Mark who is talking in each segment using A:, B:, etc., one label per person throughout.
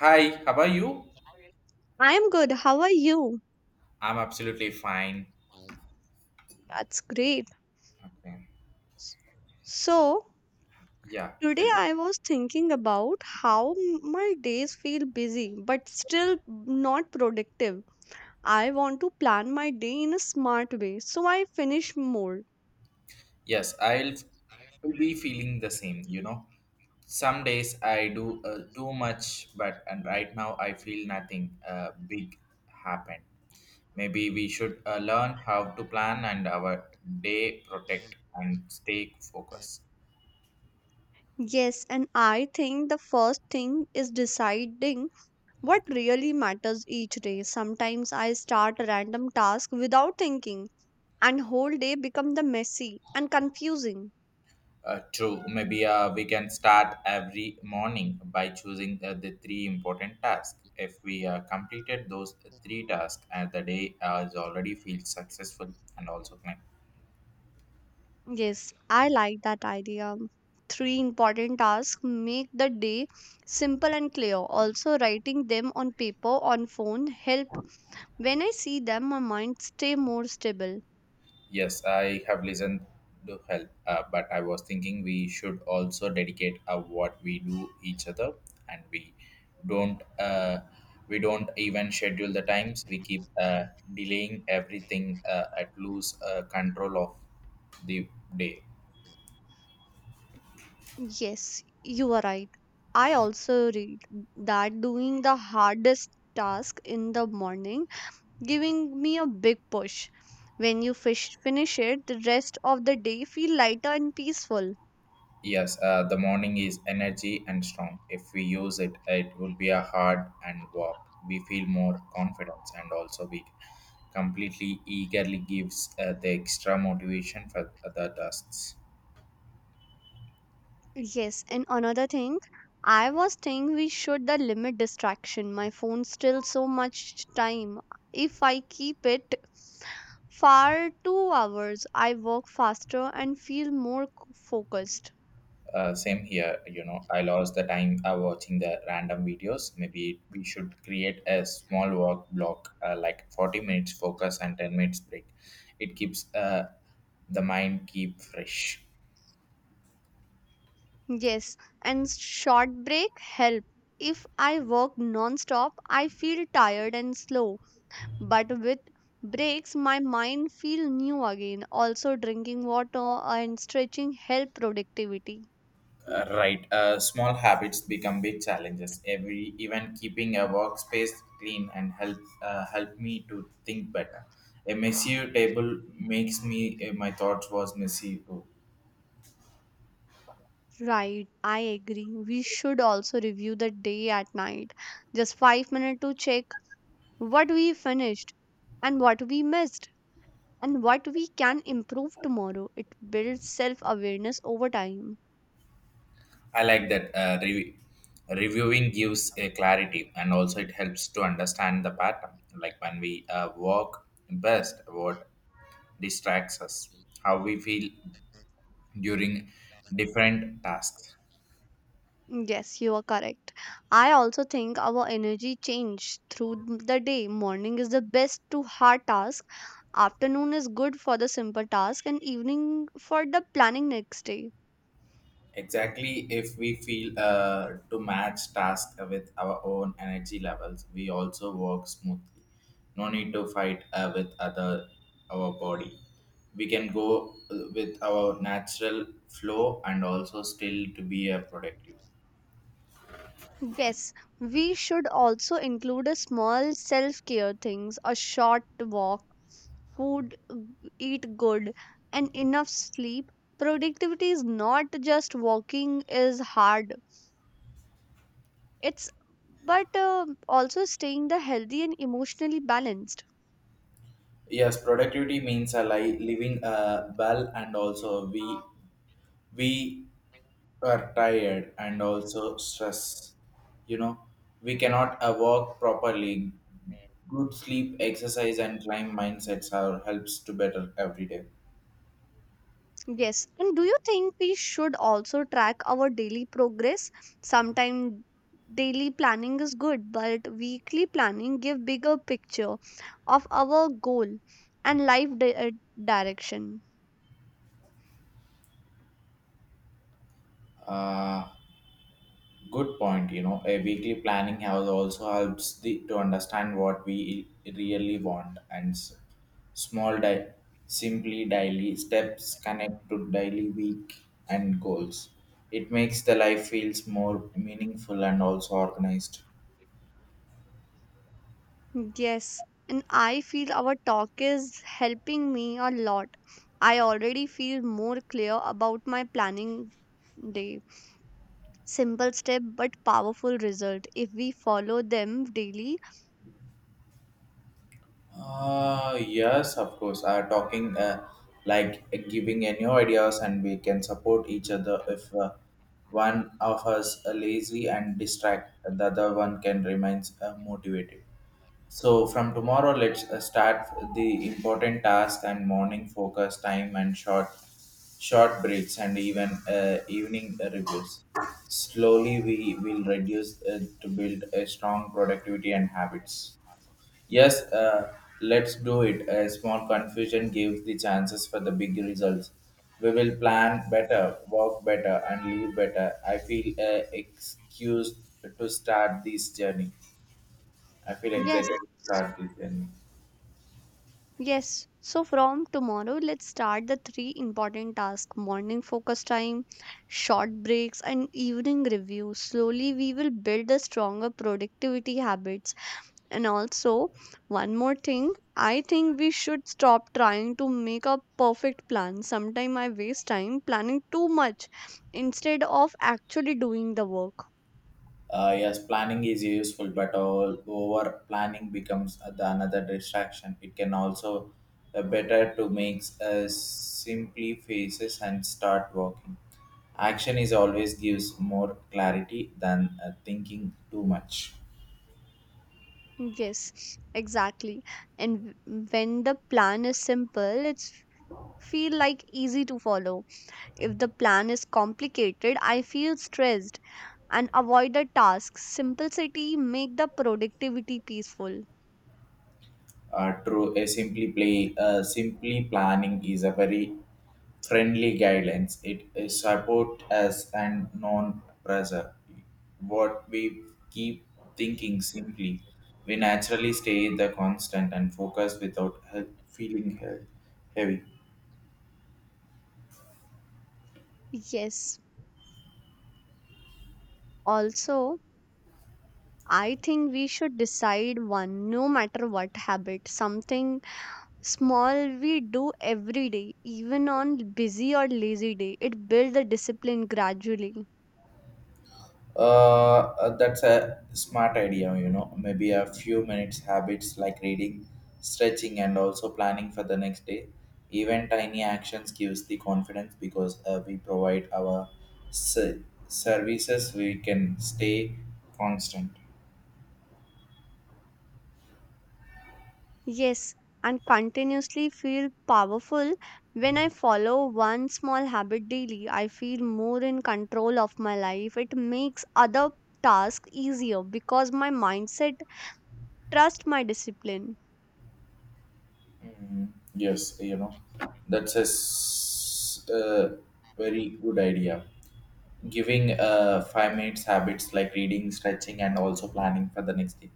A: Hi, how are you?
B: I'm good. How are you?
A: I'm absolutely fine.
B: That's great.
A: Okay.
B: S- So,
A: Yeah, tell
B: Today
A: me.
B: I was thinking about how my days feel busy but still not productive. I want to plan my day in a smart way so I finish more.
A: Yes, I'll be feeling the same, Some days I do too much, but and right now I feel nothing big happened. Maybe we should learn how to plan and our day protect and stay focused.
B: Yes, and I think the first thing is deciding what really matters each day. Sometimes I start a random task without thinking and whole day become the messy and confusing.
A: True. Maybe we can start every morning by choosing the three important tasks. If we completed those three tasks, and the day is already feels successful and also clean.
B: Yes, I like that idea. Three important tasks make the day simple and clear. Also, writing them on paper on phone help. When I see them, my mind stay more stable.
A: Yes, I have listened to help, but I was thinking we should also dedicate what we do each other, and we don't even schedule the times. We keep delaying everything at loose control of the day.
B: Yes, you are right. I also read that doing the hardest task in the morning giving me a big push. When you finish it, the rest of the day feel lighter and peaceful.
A: Yes, the morning is energy and strong. If we use it, it will be a hard and walk. We feel more confidence and also we completely eagerly gives the extra motivation for the tasks.
B: Yes, and another thing, I was thinking we should the limit distraction. My phone still so much time. If I keep it far 2 hours, I work faster and feel more focused.
A: Same here, you know, I lost the time watching the random videos. Maybe we should create a small walk block like 40 minutes focus and 10 minutes break. It keeps the mind keep fresh.
B: Yes, and short break help. If I work non-stop, I feel tired and slow. But with breaks, my mind feel new again. Also, drinking water and stretching help productivity.
A: Right. Small habits become big challenges. Every even keeping a workspace clean and help me to think better. A messy table makes me my thoughts was messy too.
B: Right, I agree. We should also review the day at night. Just 5 minutes to check what we finished and what we missed and what we can improve tomorrow. It builds self awareness over time.
A: I like that. Reviewing gives a clarity and also it helps to understand the pattern. Like when we work best, what distracts us, how we feel during different tasks.
B: Yes, you are correct. I also think our energy change through the day. Morning is the best to hard task. Afternoon is good for the simple task and evening for the planning next day.
A: Exactly, if we feel to match tasks with our own energy levels, we also work smoothly. No need to fight with other our body. We can go with our natural flow and also still to be a productive.
B: Yes, we should also include a small self-care things, a short walk, food, eat good, and enough sleep. Productivity is not just walking is hard. It's but also staying the healthy and emotionally balanced.
A: Yes, productivity means a living well and also we are tired and also stress. You know, we cannot work properly. Good sleep, exercise, and climb mindsets are helps to better every day.
B: Yes. And do you think we should also track our daily progress? Sometimes daily planning is good, but weekly planning give bigger picture of our goal and life direction.
A: Uh, Good point. You know, a weekly planning has also helps the, to understand what we really want and small di- simply daily steps connect to daily week and goals. It makes the life feels more meaningful and also organized.
B: Yes. And I feel our talk is helping me a lot. I already feel more clear about my planning day. Simple step but powerful result if we follow them daily.
A: Yes, of course. Talking like giving any ideas, and we can support each other if one of us are lazy and distract, the other one can remain motivated. So from tomorrow, let's start the important task and morning focus time and short breaks and even evening reviews. Slowly, we will reduce to build a strong productivity and habits. Yes, let's do it. A small confusion gives the chances for the big results. We will plan better, work better, and live better. I feel excused to start this journey. I feel excited
B: Yes.
A: to start this journey.
B: Yes, so from tomorrow, let's start the three important tasks morning focus time, short breaks, and evening review. Slowly, we will build a stronger productivity habits. And also, one more thing I think we should stop trying to make a perfect plan. Sometimes I waste time planning too much instead of actually doing the work.
A: Yes, planning is useful, but all over planning becomes the another distraction. It can also better to make simply faces and start working. Action is always gives more clarity than thinking too much.
B: Yes, exactly. And when the plan is simple, it's feel like easy to follow. If the plan is complicated, I feel stressed and avoid the tasks. Simplicity make the productivity peaceful.
A: True, a simply planning is a very friendly guidance. It is support us and non-pressure. What we keep thinking simply, we naturally stay the constant and focus without feeling heavy.
B: Yes, also, I think we should decide one no matter what habit, something small we do every day, even on busy or lazy day. It builds the discipline gradually.
A: That's a smart idea, you know. Maybe a few minutes habits like reading, stretching, and also planning for the next day. Even tiny actions gives the confidence because we provide our se- services. We can stay constant.
B: Yes, and continuously feel powerful. When I follow one small habit daily, I feel more in control of my life. It makes other tasks easier because my mindset trusts my discipline.
A: Mm, yes, you know, that's a s- uh, very good idea. Giving 5 minutes habits like reading stretching and also planning for the next day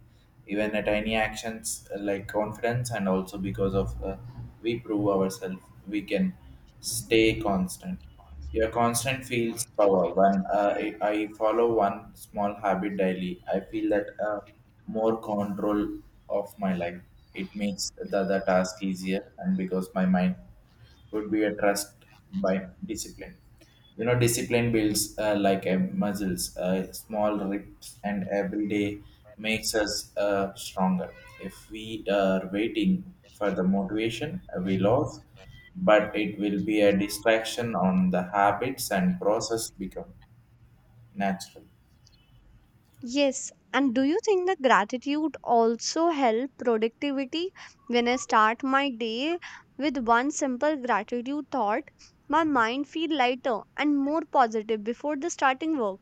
A: even a tiny actions like confidence and also because of we prove ourselves we can stay constant your constant feels power when uh, I follow one small habit daily I feel that more control of my life it makes the task easier and because my mind would be a trust by discipline. You know, discipline builds like a muscles, small reps, and every day makes us stronger. If we are waiting for the motivation, we lose, but it will be a distraction on the habits and process become natural.
B: Yes, and do you think that gratitude also help productivity? When I start my day with one simple gratitude thought, my mind feel lighter and more positive before the starting work.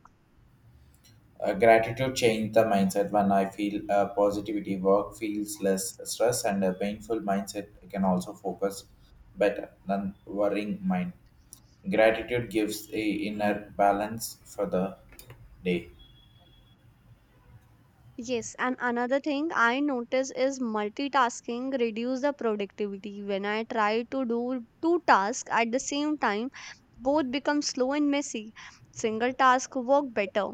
A: Gratitude changed the mindset when I feel positivity. Work feels less stress, and a painful mindset can also focus better than worrying mind. Gratitude gives a inner balance for the day.
B: Yes, and another thing I notice is multitasking reduce the productivity. When I try to do two tasks at the same time, both become slow and messy. Single task work better.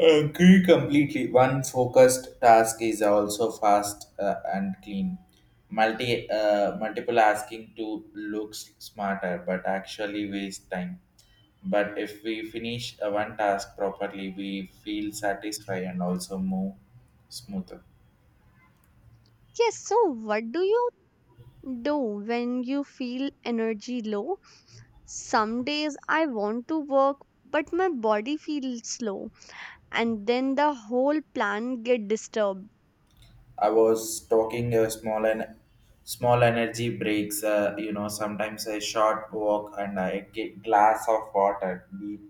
A: Agree completely. One focused task is also fast and clean. Multiple asking to looks smarter, but actually waste time. But if we finish one task properly, we feel satisfied and also move smoother.
B: Yes, so what do you do when you feel energy low? Some days I want to work but my body feels slow and then the whole plan get disturbed.
A: I was talking a small energy breaks. You know, sometimes a short walk and a glass of water,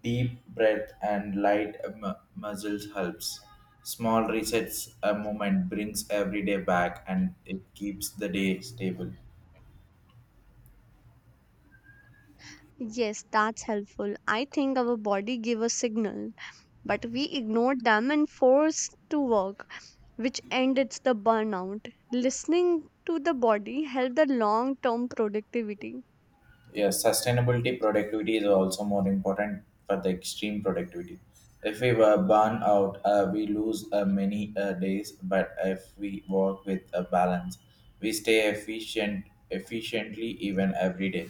A: deep breath and light muscles helps. Small resets a moment brings every day back and it keeps the day stable.
B: Yes, that's helpful. I think our body give a signal. But we ignored them and forced to work, which ended the burnout. Listening to the body helped the long term productivity.
A: Yes, sustainability productivity is also more important for the extreme productivity. If we were burn out, we lose many days. But if we work with a balance, we stay efficiently even every day.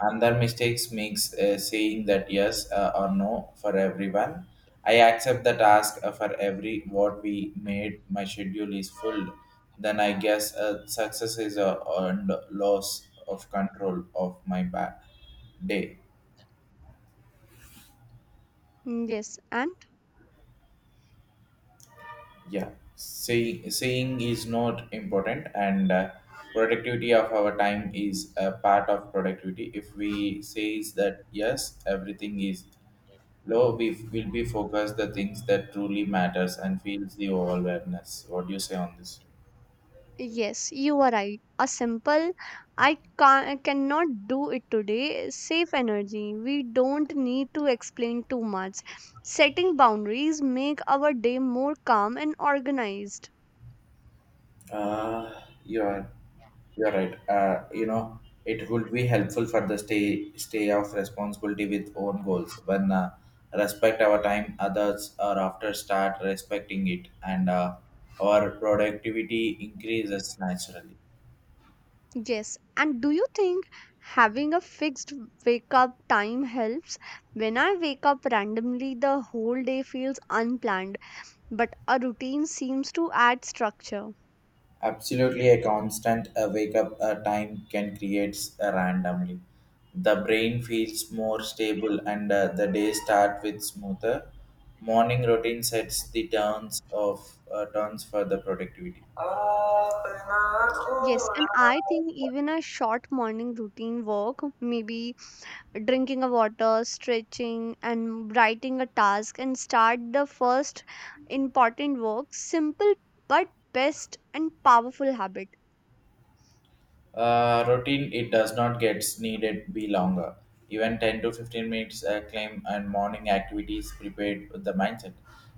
A: Another mistakes makes saying that yes or no for everyone. I accept the task for every what we made. My schedule is full. Then I guess success is a earned loss of control of my back day.
B: Mm, yes, and
A: Yeah, saying is not important, and productivity of our time is a part of productivity. If we says that yes, everything is low we will be focused the things that truly matters and feels the awareness. What do you say on this?
B: yes, you are right. A simple I cannot do it today. Save energy. We don't need to explain too much. Setting boundaries make our day more calm and organized.
A: Uh, you are you are right. You know, it would be helpful for the stay of responsibility with own goals. When respect our time, others are after start respecting it, and our productivity increases naturally.
B: Yes, and do you think having a fixed wake up time helps? When I wake up randomly, the whole day feels unplanned, but a routine seems to add structure.
A: Absolutely, a constant wake up time can create randomly. The brain feels more stable and the day start with smoother. Morning routine sets the turns of turns for the productivity.
B: Yes, and I think even a short morning routine work, maybe drinking a water, stretching, and writing a task, and start the first important work, simple but best and powerful habit.
A: Routine it does not get needed be longer. Even 10 to 15 minutes claim and morning activities prepared with the mindset.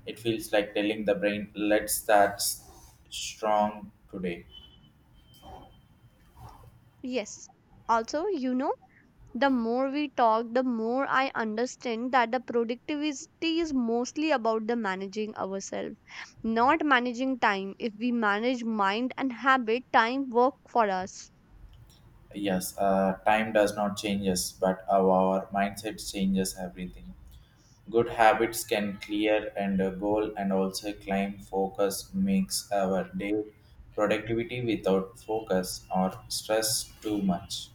A: It feels like telling the brain, let's start strong today.
B: Yes. Also, you know, the more we talk the more I understand that the productivity is mostly about the managing ourselves, not managing time. If we manage mind and habit, time work for us.
A: Yes, time does not change us, but our mindset changes everything. Good habits can clear and a goal and also climb focus makes our day productivity without focus or stress too much.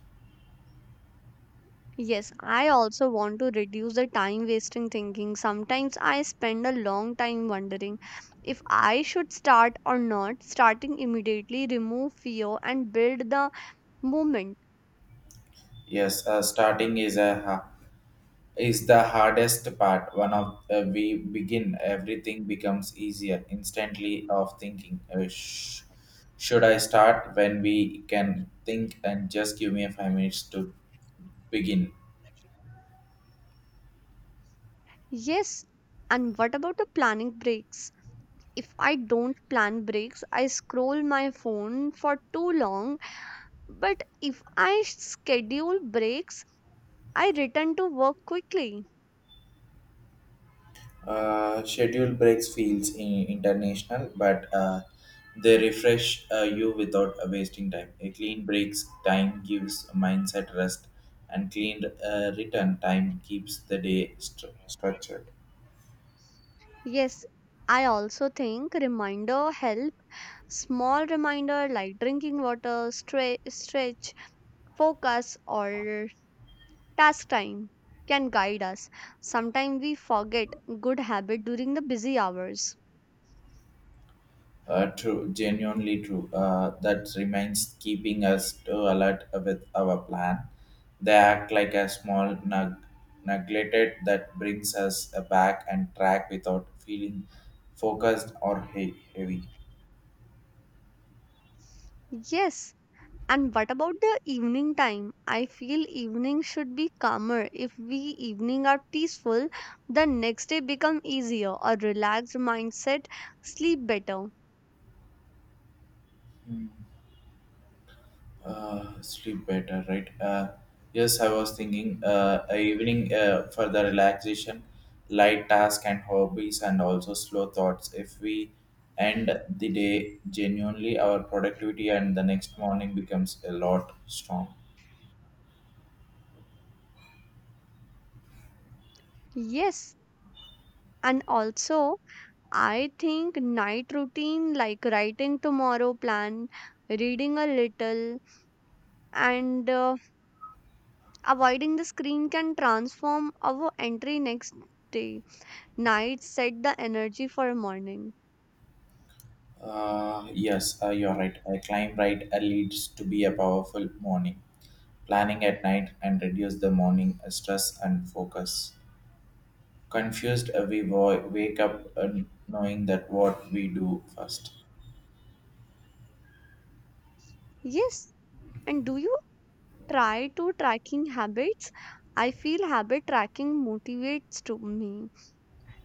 B: Yes, I also want to reduce the time wasting thinking. Sometimes I spend a long time wondering if I should start or not. Starting immediately remove fear and build the movement.
A: Yes, starting is a ha- is the hardest part. One of we begin, everything becomes easier instantly. Of thinking, should I start? When we can think and just give me a 5 minutes to begin.
B: Yes, and what about the planning breaks? If I don't plan breaks, I scroll my phone for too long. But if I schedule breaks, I return to work quickly.
A: Schedule breaks feels international, but they refresh you without wasting time. A clean breaks time gives mindset rest, and clean return time keeps the day structured.
B: Yes, I also think reminder help. Small reminder like drinking water, stretch, focus, or task time can guide us. Sometimes we forget good habit during the busy hours.
A: True, genuinely true. That remains keeping us to alert with our plan. They act like a small neglected that brings us back and track without feeling focused or heavy.
B: Yes, and what about the evening time? I feel evening should be calmer. If we evening are peaceful, the next day become easier. A relaxed mindset, sleep better.
A: Sleep better, right? Yes, I was thinking a evening for the relaxation, light task and hobbies, and also slow thoughts. If we end the day genuinely, our productivity and the next morning becomes a lot strong.
B: Yes, and also I think night routine like writing tomorrow plan, reading a little, and avoiding the screen can transform our entry next day. Night set the energy for morning.
A: Yes, you're right. A climb right leads to be a powerful morning. Planning at night and reduce the morning stress and focus. Confused we wo- wake up and knowing that what we do first
B: Yes, and do you try to tracking habits? I feel habit tracking motivates to me.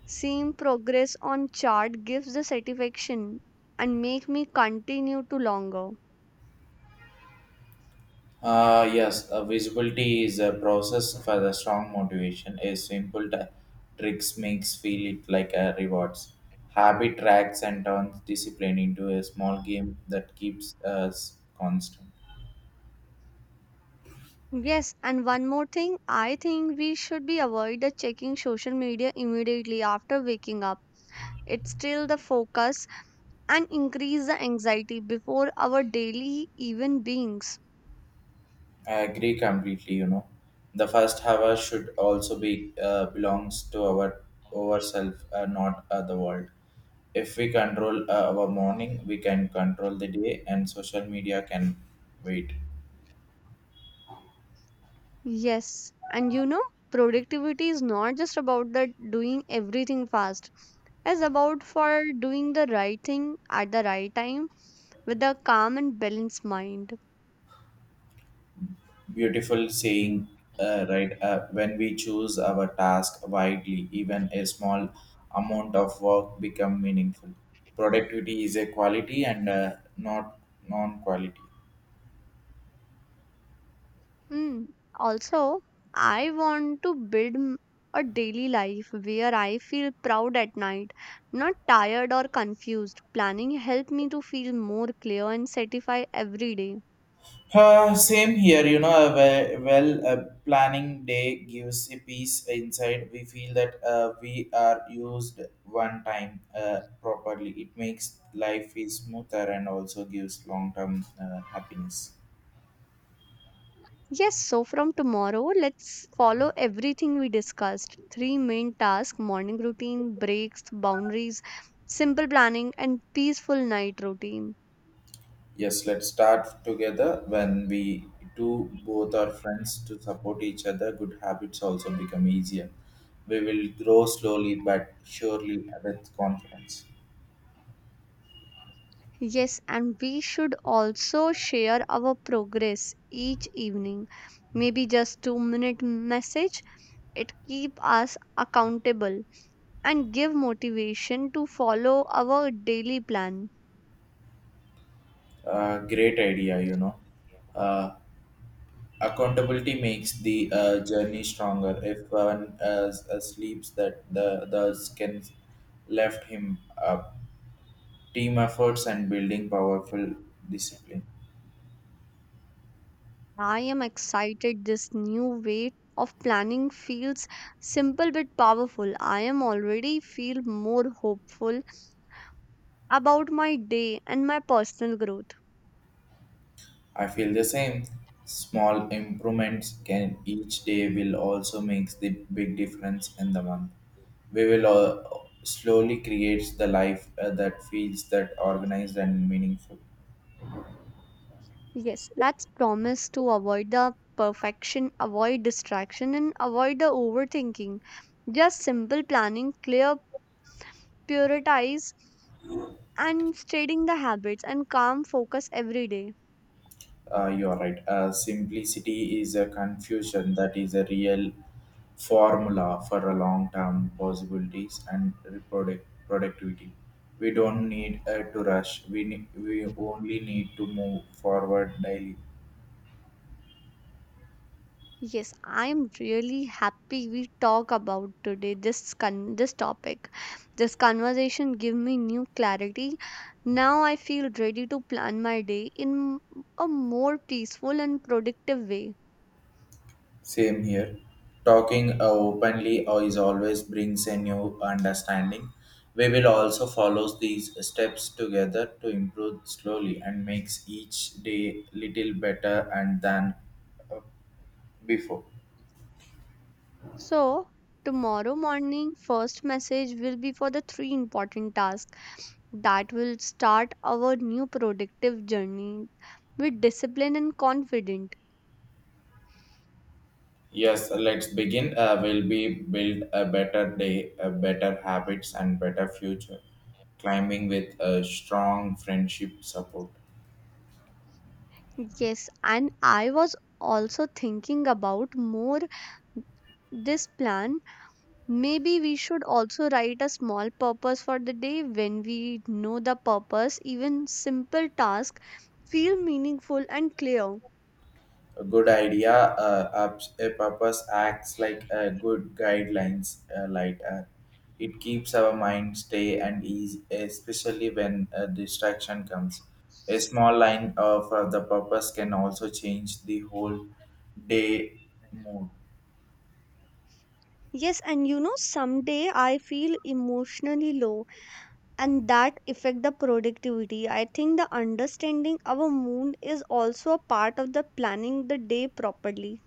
B: Seeing progress on chart gives the satisfaction and make me continue to longer.
A: yes visibility is a process for the strong motivation a simple tricks makes feel it like a rewards habit tracks and turns discipline into a small game that keeps us constant
B: Yes, and one more thing, I think we should be avoid the checking social media immediately after waking up. It still the focus and increase the anxiety before our daily even beings.
A: I agree completely. You know, the first hour should also be belongs to our ourself, not the world. If we control our morning, we can control the day, and social media can wait.
B: Yes, and you know, productivity is not just about the doing everything fast, is about for doing the right thing at the right time with a calm and balanced mind.
A: Beautiful saying, right? When we choose our task widely, even a small amount of work become meaningful. Productivity is a quality and not non-quality.
B: Hmm. Also, I want to build a daily life where I feel proud at night, not tired or confused. Planning helped me to feel more clear and satisfied every day.
A: Same here, you know, a well, a planning day gives a peace inside. We feel that we are used one time properly. It makes life is smoother and also gives long term happiness.
B: Yes, so from tomorrow, let's follow everything we discussed. Three main tasks morning routine, breaks, boundaries, simple planning, and peaceful night routine.
A: Yes, let's start together. When we do both our friends to support each other, good habits also become easier. We will grow slowly but surely with confidence.
B: Yes, and we should also share our progress each evening. Maybe just 2-minute message. It keep us accountable and give motivation to follow our daily plan.
A: Great idea, you know. Uh, Accountability makes the journey stronger if one sleeps that the others can left him up team efforts and building powerful discipline.
B: I am excited this new way of planning feels simple but powerful. I am already feel more hopeful about my day and my personal growth.
A: I feel the same. Small improvements can each day will also makes the big difference in the month. We will all slowly creates the life that feels that organized and meaningful.
B: Yes, that's promise to avoid the perfection, avoid distraction, and avoid the overthinking. Just simple planning, clear, prioritize, and stating the habits and calm focus every day.
A: You are right. Simplicity is a confusion that is a real formula for a long-term possibilities and productivity. We don't need to rush. We only need to move forward daily.
B: Yes, I'm really happy we talk about today this this topic. This conversation give me new clarity. Now I feel ready to plan my day in a more peaceful and productive way.
A: Same here. Talking openly always brings a new understanding. We will also follow these steps together to improve slowly and makes each day little better and than uh, before.
B: So, tomorrow morning, first message will be for the three important tasks that will start our new productive journey with discipline and confident.
A: Yes, let's begin. Will be build a better day, a better habits, and better future. Climbing with a strong friendship support.
B: Yes, and I was also thinking about more this plan. Maybe we should also write a small purpose for the day. When we know the purpose, even simple tasks feel meaningful and clear.
A: A good idea. A purpose acts like a good guidelines lighter. It keeps our mind stay and ease, especially when a distraction comes. A small line of the purpose can also change the whole day mood.
B: Yes, and you know, someday I feel emotionally low and that affect the productivity. I think the understanding our moon is also a part of the planning the day properly.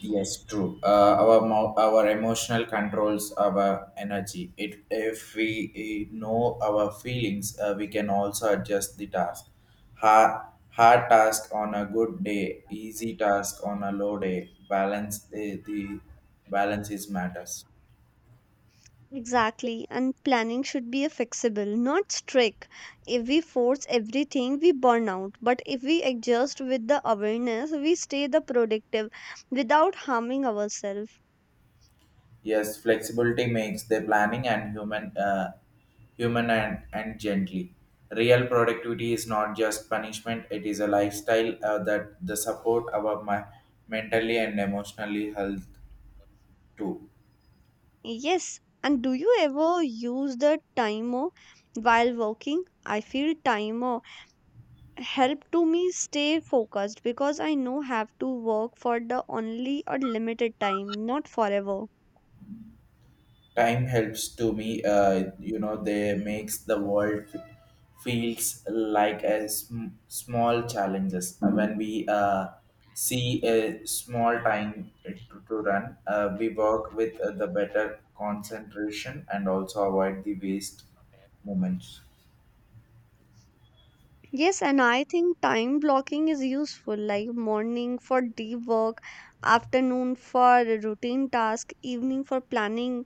A: Yes, true. Our our emotional controls our energy. It if we know our feelings, we can also adjust the task. Hard task on a good day, easy task on a low day. Balance the balance is matters.
B: Exactly, and planning should be a flexible not strict. If we force everything we burn out, but if we adjust with the awareness we stay the productive without harming ourselves.
A: Yes, flexibility makes the planning and human, human and gently. Real productivity is not just punishment; it is a lifestyle that the support our my mentally and emotionally health too.
B: Yes, and do you ever use the timer while working? I feel timer help to me stay focused because I know have to work for the only a limited time, not forever.
A: Time helps to me you know they makes the world feels like a small challenges. When we see a small time to run, we work with the better concentration and also avoid the waste moments.
B: Yes, and I think time blocking is useful, like morning for deep work, afternoon for routine task, evening for planning.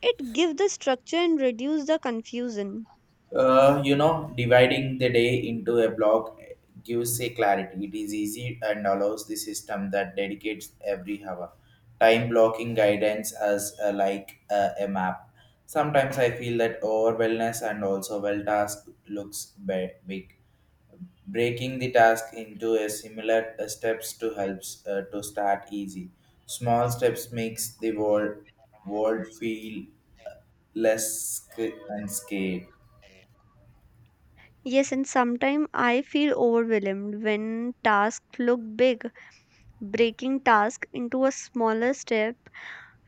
B: It gives the structure and reduce the confusion.
A: You know, dividing the day into a block gives a clarity. It is easy and allows the system that dedicates every hour. Time blocking guidance as like a map. Sometimes I feel that overwhelmness and also well task looks big. Breaking the task into a similar steps to helps to start easy. Small steps makes the world feel less and scared.
B: Yes, and sometimes I feel overwhelmed when tasks look big. Breaking task into a smaller step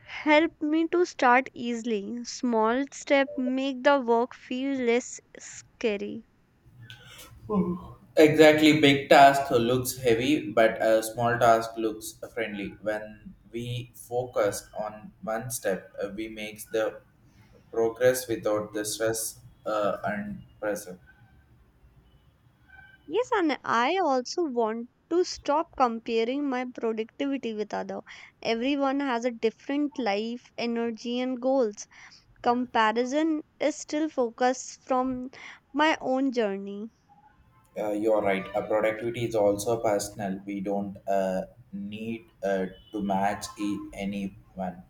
B: help me to start easily. Small step make the work feel less scary.
A: Exactly, big task looks heavy, but a small task looks friendly. When we focus on one step, we make the progress without the stress and pressure.
B: Yes, and I also want to stop comparing my productivity with other. Everyone has a different life, energy and goals. Comparison is still focused from my own journey.
A: You are right. Productivity is also personal. We don't need to match anyone.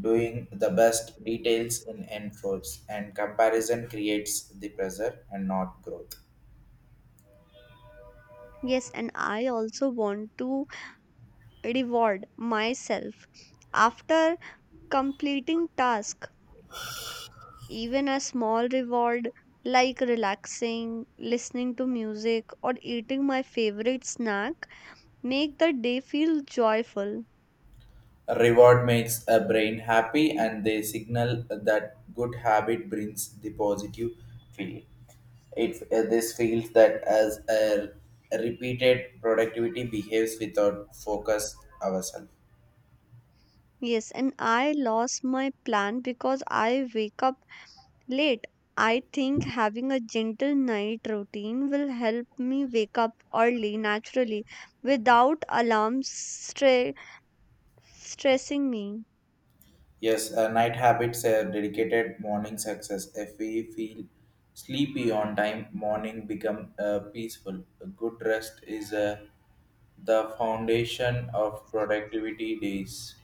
A: Doing the best details in enforce and comparison creates the pressure and not growth.
B: Yes, and I also want to reward myself after completing task. Even a small reward like relaxing, listening to music, or eating my favorite snack make the day feel joyful.
A: Reward makes a brain happy and they signal that good habit brings the positive feeling. It This feels that as a repeated productivity behaves without focus ourselves.
B: Yes, and I lost my plan because I wake up late. I think having a gentle night routine will help me wake up early naturally without alarms stre- stressing me.
A: Yes, night habits are dedicated morning success. If we feel sleepy on time, morning become peaceful. A good rest is the foundation of productivity days.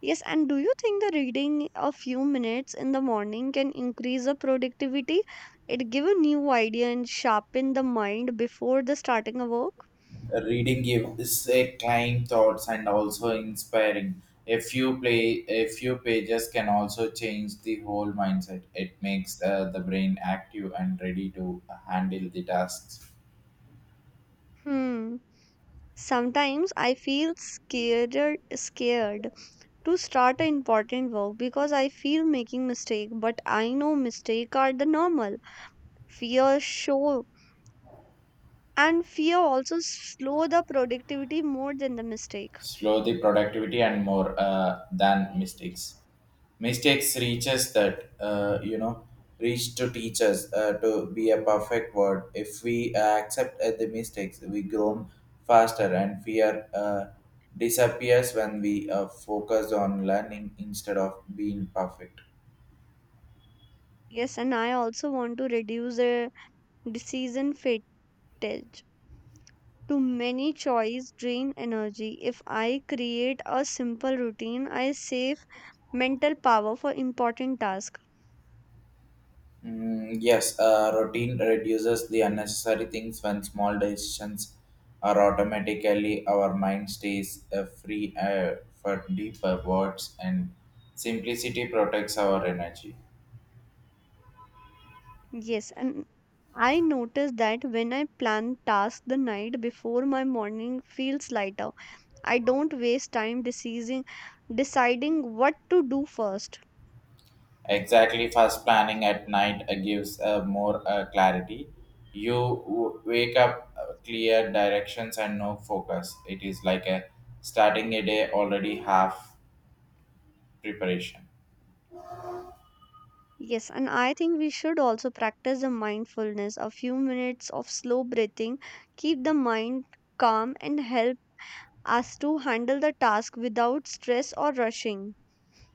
B: Yes, and do you think the reading a few minutes in the morning can increase the productivity? It give a new idea and sharpen the mind before the starting a work.
A: Reading gives a clean thoughts and also inspiring. A few play, a few pages can also change the whole mindset. It makes the brain active and ready to handle the tasks.
B: Hmm. Sometimes I feel scared to start an important work because I feel making mistake, but I know mistake are the normal. Fear show and fear also slow the productivity more than the mistake.
A: Slow the productivity and more than mistakes. Mistakes reaches that you know reach to teach us to be a perfect word. If we accept the mistakes we grow faster, and fear disappears when we focus on learning instead of being perfect.
B: Yes, and I also want to reduce the decision fatigue advantage to many choice drain energy. If I create a simple routine, I save mental power for important tasks.
A: Mm, yes, routine reduces the unnecessary things when small decisions are automatically. Our mind stays free for deeper words, and simplicity protects our energy.
B: Yes, and I notice that when I plan tasks the night before, my morning feels lighter. I don't waste time deciding what to do first.
A: Exactly, fast planning at night gives more clarity. Wake up clear directions and no focus. It is like a starting a day already half preparation.
B: Yes, and I think we should also practice the mindfulness. A few minutes of slow breathing keep the mind calm and help us to handle the task without stress or rushing.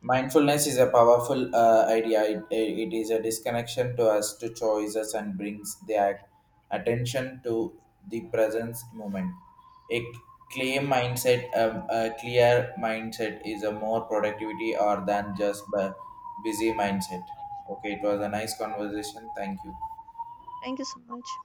A: Mindfulness is a powerful idea. It is a disconnection to us to choices and brings the attention to the present moment. A a clear mindset is a more productivity or than just a busy mindset. Okay, it was a nice conversation. Thank you.
B: Thank you so much.